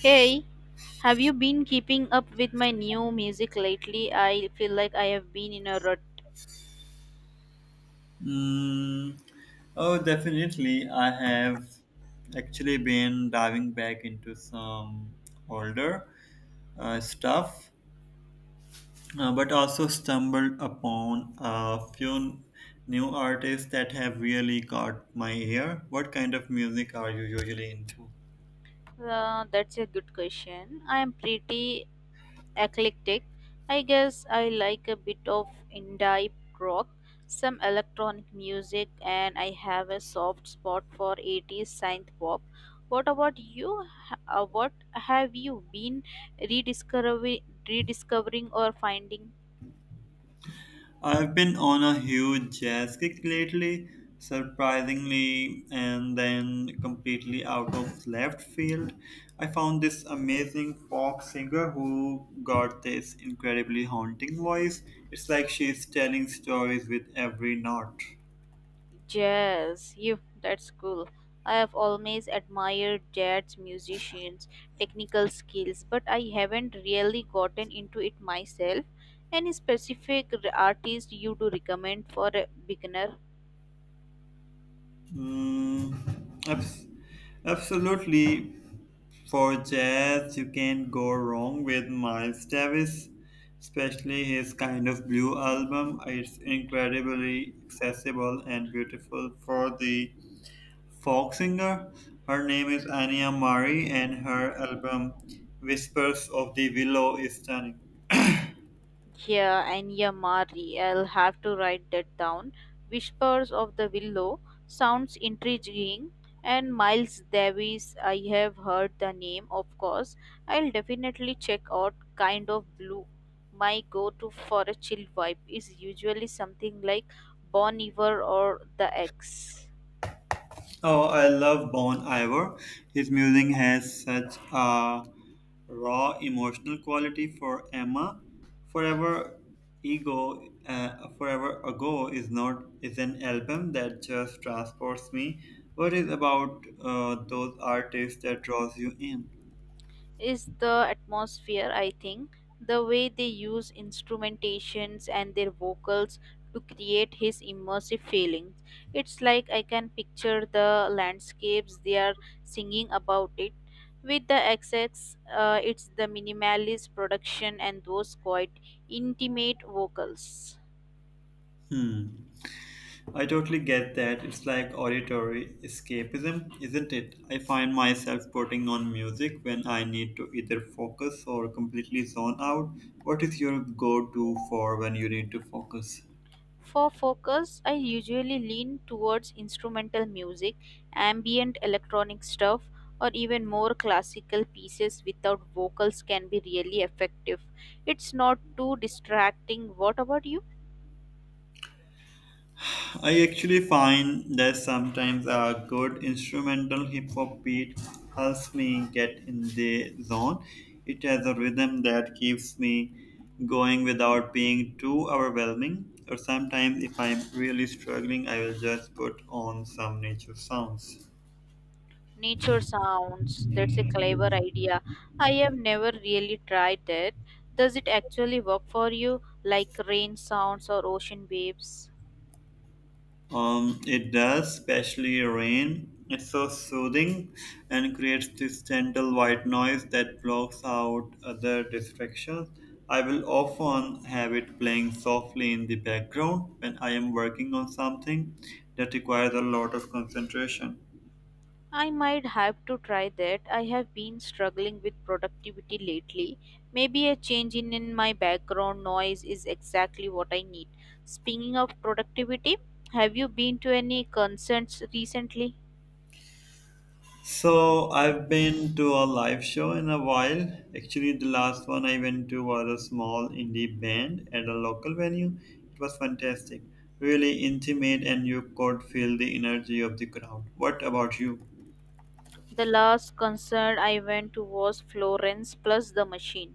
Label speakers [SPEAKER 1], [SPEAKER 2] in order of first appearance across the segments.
[SPEAKER 1] Hey, have you been keeping up with my new music lately? I feel like I have been in a rut.
[SPEAKER 2] Mm, oh, Definitely. I have actually been diving back into some older stuff, but also stumbled upon a few new artists that have really caught my ear. What kind of music are you usually into?
[SPEAKER 1] That's a good question. I am pretty eclectic. I guess I like a bit of indie rock, some electronic music, and I have a soft spot for 80s synth pop. What about you? What have you been rediscovering or finding?
[SPEAKER 2] I've been on a huge jazz kick lately, surprisingly, and then completely out of left field. I found this amazing pop singer who got this incredibly haunting voice. It's like she's telling stories with every note.
[SPEAKER 1] Jazz, you. That's cool. I have always admired jazz musicians' technical skills, but I haven't really gotten into it myself. Any specific artist you do recommend for a beginner?
[SPEAKER 2] Mm, abs- Absolutely. For jazz, you can't go wrong with Miles Davis, especially his Kind of Blue album. It's incredibly accessible and beautiful. For the folk singer, her name is Anya Murray, and her album Whispers of the Willow is stunning.
[SPEAKER 1] Yeah, and Yamari, I'll have to write that down. Whispers of the Willow sounds intriguing, and Miles Davis, I have heard the name, of course. I'll definitely check out Kind of Blue. My go to for a chill vibe is usually something like Bon Iver or The X.
[SPEAKER 2] Oh, I love Bon Iver. His music has such a raw emotional quality. For Emma, forever Forever Ago is not is an album that just transports me. What is about those artists that draws you in?
[SPEAKER 1] Is the atmosphere, I think. The way they use instrumentations and their vocals to create his immersive feelings. It's like I can picture the landscapes they are singing about it. With the XX, it's the minimalist production and those quite intimate vocals.
[SPEAKER 2] Hmm. I totally get that. It's like auditory escapism, isn't it? I find myself putting on music when I need to either focus or completely zone out. What is your go-to for when you need to focus?
[SPEAKER 1] For focus, I usually lean towards instrumental music, ambient electronic stuff, or even more classical pieces without vocals can be really effective. It's not too distracting. What about you?
[SPEAKER 2] I actually find that sometimes a good instrumental hip hop beat helps me get in the zone. It has a rhythm that keeps me going without being too overwhelming. Or sometimes, if I'm really struggling, I will just put on some nature sounds.
[SPEAKER 1] Nature sounds. That's a clever idea. I have never really tried that. Does it actually work for you, like rain sounds or ocean waves?
[SPEAKER 2] It does, especially rain. It's so soothing and creates this gentle white noise that blocks out other distractions. I will often have it playing softly in the background when I am working on something that requires a lot of concentration.
[SPEAKER 1] I might have to try that. I have been struggling with productivity lately. Maybe a change in my background noise is exactly what I need. Speaking of productivity, have you been to any concerts recently?
[SPEAKER 2] So I've been to a live show in a while. Actually, the last one I went to was a small indie band at a local venue. It was fantastic, really intimate, and you could feel the energy of the crowd. What about you?
[SPEAKER 1] The last concert I went to was Florence plus the Machine.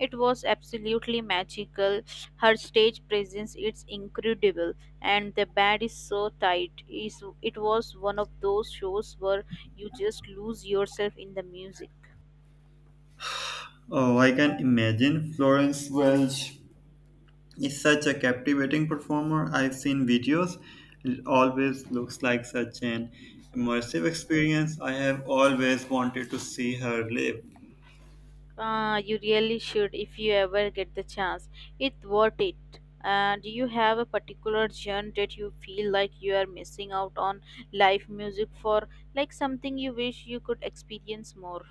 [SPEAKER 1] It was absolutely magical. Her stage presence is incredible, and the band is so tight. Is It was one of those shows where you just lose yourself in the music.
[SPEAKER 2] Oh, I can imagine. Florence Welch is such a captivating performer. I've seen videos. It always looks like such an immersive experience. I have always wanted to see her live.
[SPEAKER 1] You really should if you ever get the chance. It's worth it. Do you have a particular genre that you feel like you are missing out on live music for, like something you wish you could experience more?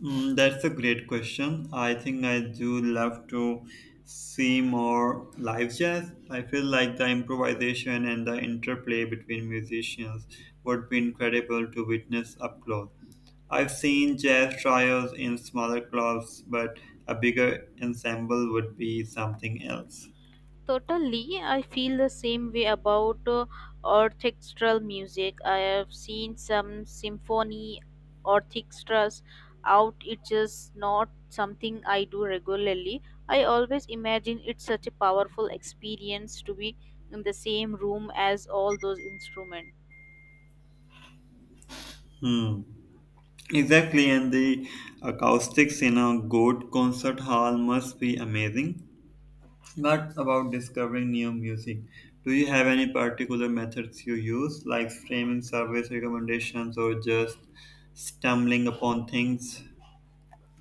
[SPEAKER 2] That's a great question. I think I do love to see more live jazz. I feel like the improvisation and the interplay between musicians would be incredible to witness up close. I've seen jazz trios in smaller clubs, but a bigger ensemble would be something else.
[SPEAKER 1] Totally, I feel the same way about orchestral music. I have seen some symphony orchestras out. It's just not something I do regularly. I always imagine it's such a powerful experience to be in the same room as all those instruments.
[SPEAKER 2] Hmm. Exactly, and the acoustics in a good concert hall must be amazing. Not about discovering new music. Do you have any particular methods you use, like streaming service recommendations or just stumbling upon things?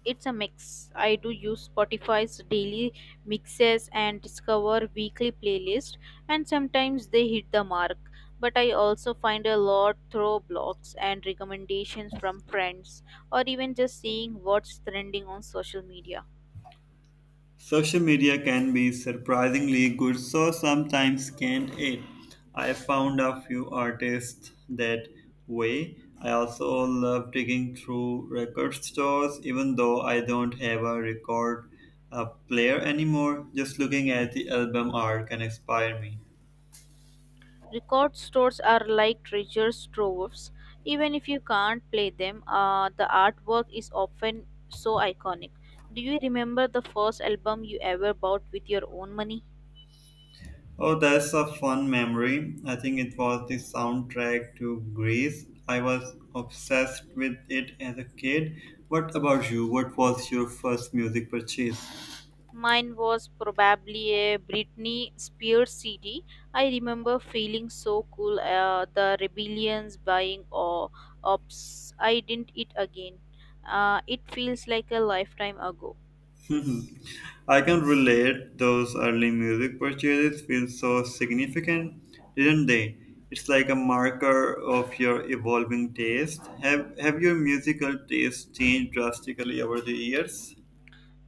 [SPEAKER 1] It's a mix. I do use Spotify's daily mixes and discover weekly playlist and sometimes they hit the mark. But I also find a lot through blogs and recommendations from friends or even just seeing what's trending on social media.
[SPEAKER 2] Social media can be surprisingly good, so sometimes, can't it? I found a few artists that way. I also love digging through record stores, even though I don't have a record player anymore. Just looking at the album art can inspire me.
[SPEAKER 1] Record stores are like treasure troves. Even if you can't play them, the artwork is often so iconic. Do you remember the first album you ever bought with your own money?
[SPEAKER 2] Oh, that's a fun memory. I think it was the soundtrack to Grease. I was obsessed with it as a kid. What about you? What was your first music purchase?
[SPEAKER 1] Mine was probably a Britney Spears CD. I remember feeling so cool. The rebellions buying or ops. I didn't it again. It feels like a lifetime ago.
[SPEAKER 2] I can relate. Those early music purchases feel so significant, didn't they? It's like a marker of your evolving taste. Have your musical taste changed drastically over the years?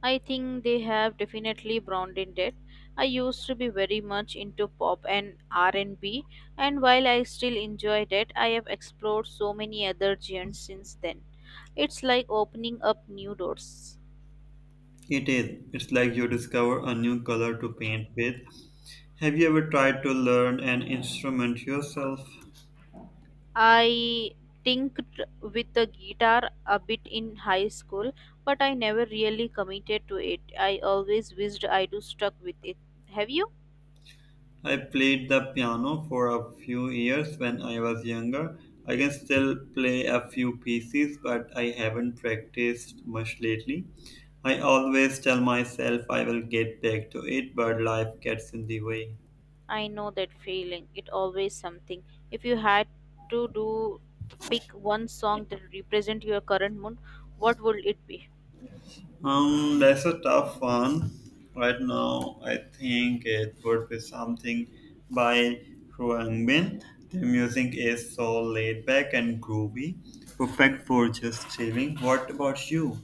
[SPEAKER 1] I think they have definitely broadened it. I used to be very much into pop and R&B, and while I still enjoy that, I have explored so many other genres since then. It's like opening up new doors.
[SPEAKER 2] It is. It's like you discover a new color to paint with. Have you ever tried to learn an instrument yourself?
[SPEAKER 1] I tinked with the guitar a bit in high school, but I never really committed to it. I always wished I'd stuck with it. Have you?
[SPEAKER 2] I played the piano for a few years when I was younger. I can still play a few pieces, but I haven't practiced much lately. I always tell myself I will get back to it, but life gets in the way.
[SPEAKER 1] I know that feeling. It always something. If you had to do pick one song that represent your current mood, what would it be?
[SPEAKER 2] That's a tough one. Right now, I think it would be something by Huang Bin. Their music is so laid back and groovy, perfect for just chilling. What about you?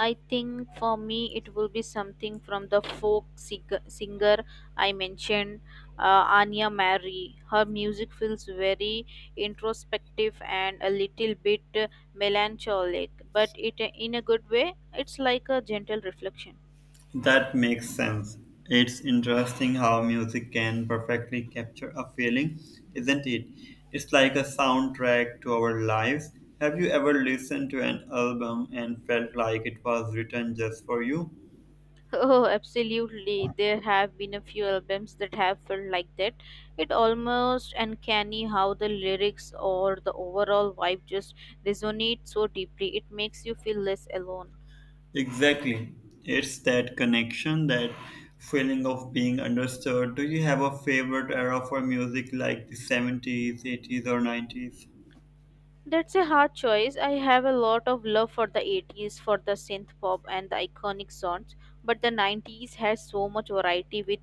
[SPEAKER 1] I think for me it will be something from the folk singer I mentioned, Anya Mary. Her music feels very introspective and a little bit melancholic, but it in a good way. It's like a gentle reflection.
[SPEAKER 2] That makes sense. It's interesting how music can perfectly capture a feeling, isn't it? It's like a soundtrack to our lives. Have you ever listened to an album and felt like it was written just for you?
[SPEAKER 1] Oh, absolutely. There have been a few albums that have felt like that. It almost uncanny how the lyrics or the overall vibe just resonate so deeply. It makes you feel less alone.
[SPEAKER 2] Exactly. It's that connection, that feeling of being understood. Do you have a favorite era for music, like the 70s, 80s, or 90s?
[SPEAKER 1] That's a hard choice. I have a lot of love for the 80s, for the synth pop and the iconic songs, but the 90s has so much variety with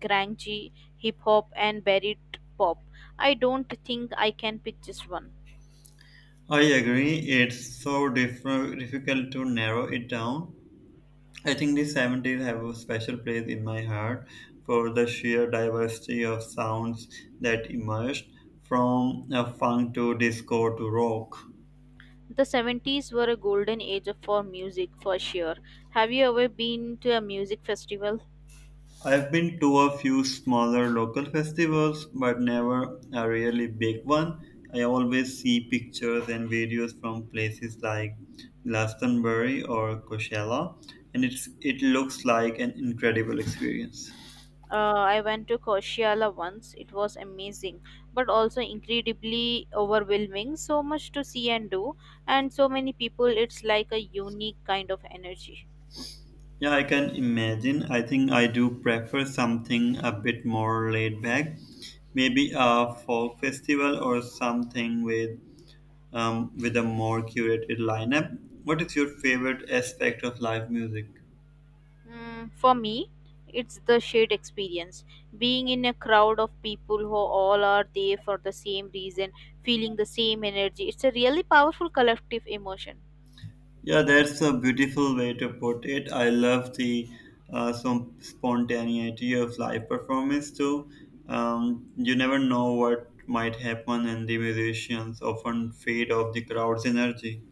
[SPEAKER 1] grungy, hip hop, and buried pop. I don't think I can pick just one.
[SPEAKER 2] I agree. It's so difficult to narrow it down. I think the 70s have a special place in my heart for the sheer diversity of sounds that emerged, from funk to disco to rock.
[SPEAKER 1] The 70s were a golden age for music, for sure. Have you ever been to a music festival?
[SPEAKER 2] I've been to a few smaller local festivals, but never a really big one. I always see pictures and videos from places like Glastonbury or Coachella, and it looks like an incredible experience.
[SPEAKER 1] I went to Coachella once. It was amazing, but also incredibly overwhelming. So much to see and do, and so many people. It's like a unique kind of energy.
[SPEAKER 2] Yeah, I can imagine. I think I do prefer something a bit more laid back, maybe a folk festival or something with with a more curated lineup. What is your favorite aspect of live music?
[SPEAKER 1] For me, it's the shared experience. Being in a crowd of people who all are there for the same reason, feeling the same energy. It's a really powerful collective emotion.
[SPEAKER 2] Yeah, that's a beautiful way to put it. I love the some spontaneity of live performance too. You never know what might happen, and the musicians often fade off the crowd's energy.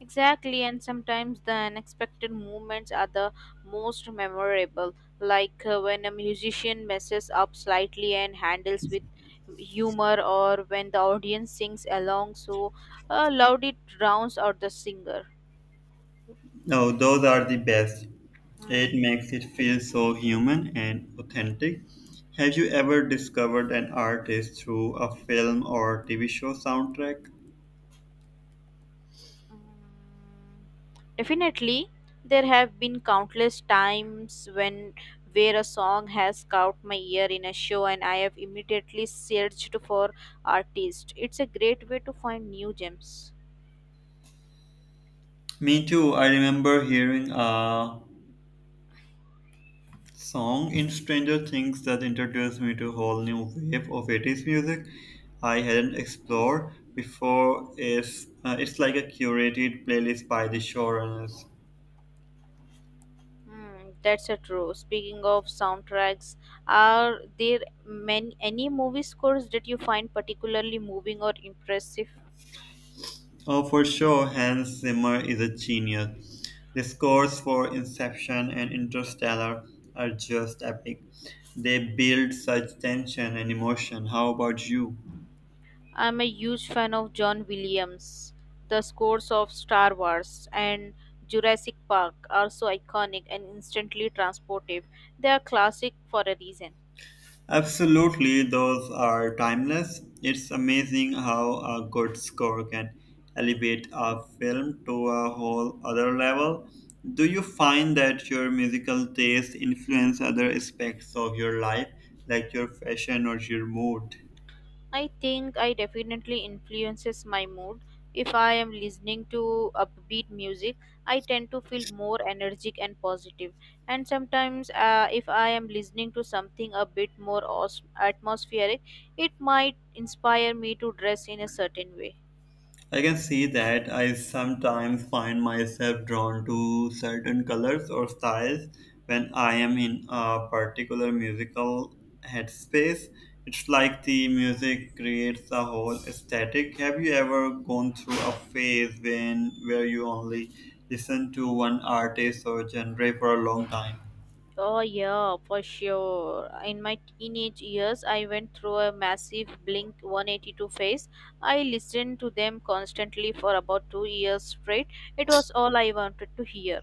[SPEAKER 1] Exactly, and sometimes the unexpected moments are the most memorable, like when a musician messes up slightly and handles with humor, or when the audience sings along so loud it drowns out the singer.
[SPEAKER 2] No, those are the best. It
[SPEAKER 1] Hmm.
[SPEAKER 2] makes it feel so human and authentic. Have you ever discovered an artist through a film or TV show soundtrack?
[SPEAKER 1] Mm, Definitely, there have been countless times when where a song has caught my ear in a show and I have immediately searched for artists. It's a great way to find new gems.
[SPEAKER 2] Me too. I remember hearing a song in Stranger Things that introduced me to a whole new wave of 80s music I hadn't explored before. Is It's like a curated playlist by the showrunners.
[SPEAKER 1] That's a true. Speaking of soundtracks, are there many any movie scores that you find particularly moving or impressive?
[SPEAKER 2] Oh, for sure, Hans Zimmer is a genius. The scores for Inception and Interstellar are just epic. They build such tension and emotion. How about you?
[SPEAKER 1] I'm a huge fan of John Williams. The scores of Star Wars and Jurassic Park are so iconic and instantly transportive. They are classic for a reason.
[SPEAKER 2] Absolutely, those are timeless. It's amazing how a good score can elevate a film to a whole other level. Do you find that your musical taste influence other aspects of your life, like your fashion or your mood?
[SPEAKER 1] I think I definitely influences my mood. If I am listening to upbeat music, I tend to feel more energetic and positive. And sometimes, if I am listening to something a bit more atmospheric, it might inspire me to dress in a certain way.
[SPEAKER 2] I can see that. I sometimes find myself drawn to certain colors or styles when I am in a particular musical headspace. It's like the music creates a whole aesthetic. Have you ever gone through a phase when where you only listen to one artist or genre for a long time?
[SPEAKER 1] Oh, yeah, for sure. In my teenage years, I went through a massive Blink 182 phase. I listened to them constantly for about 2 years straight. It was all I wanted to hear.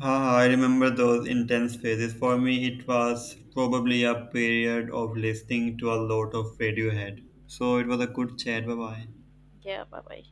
[SPEAKER 2] Ah, I remember those intense phases. For me, it was probably a period of listening to a lot of Radiohead. So it was a good chat. Bye bye.
[SPEAKER 1] Yeah, bye bye.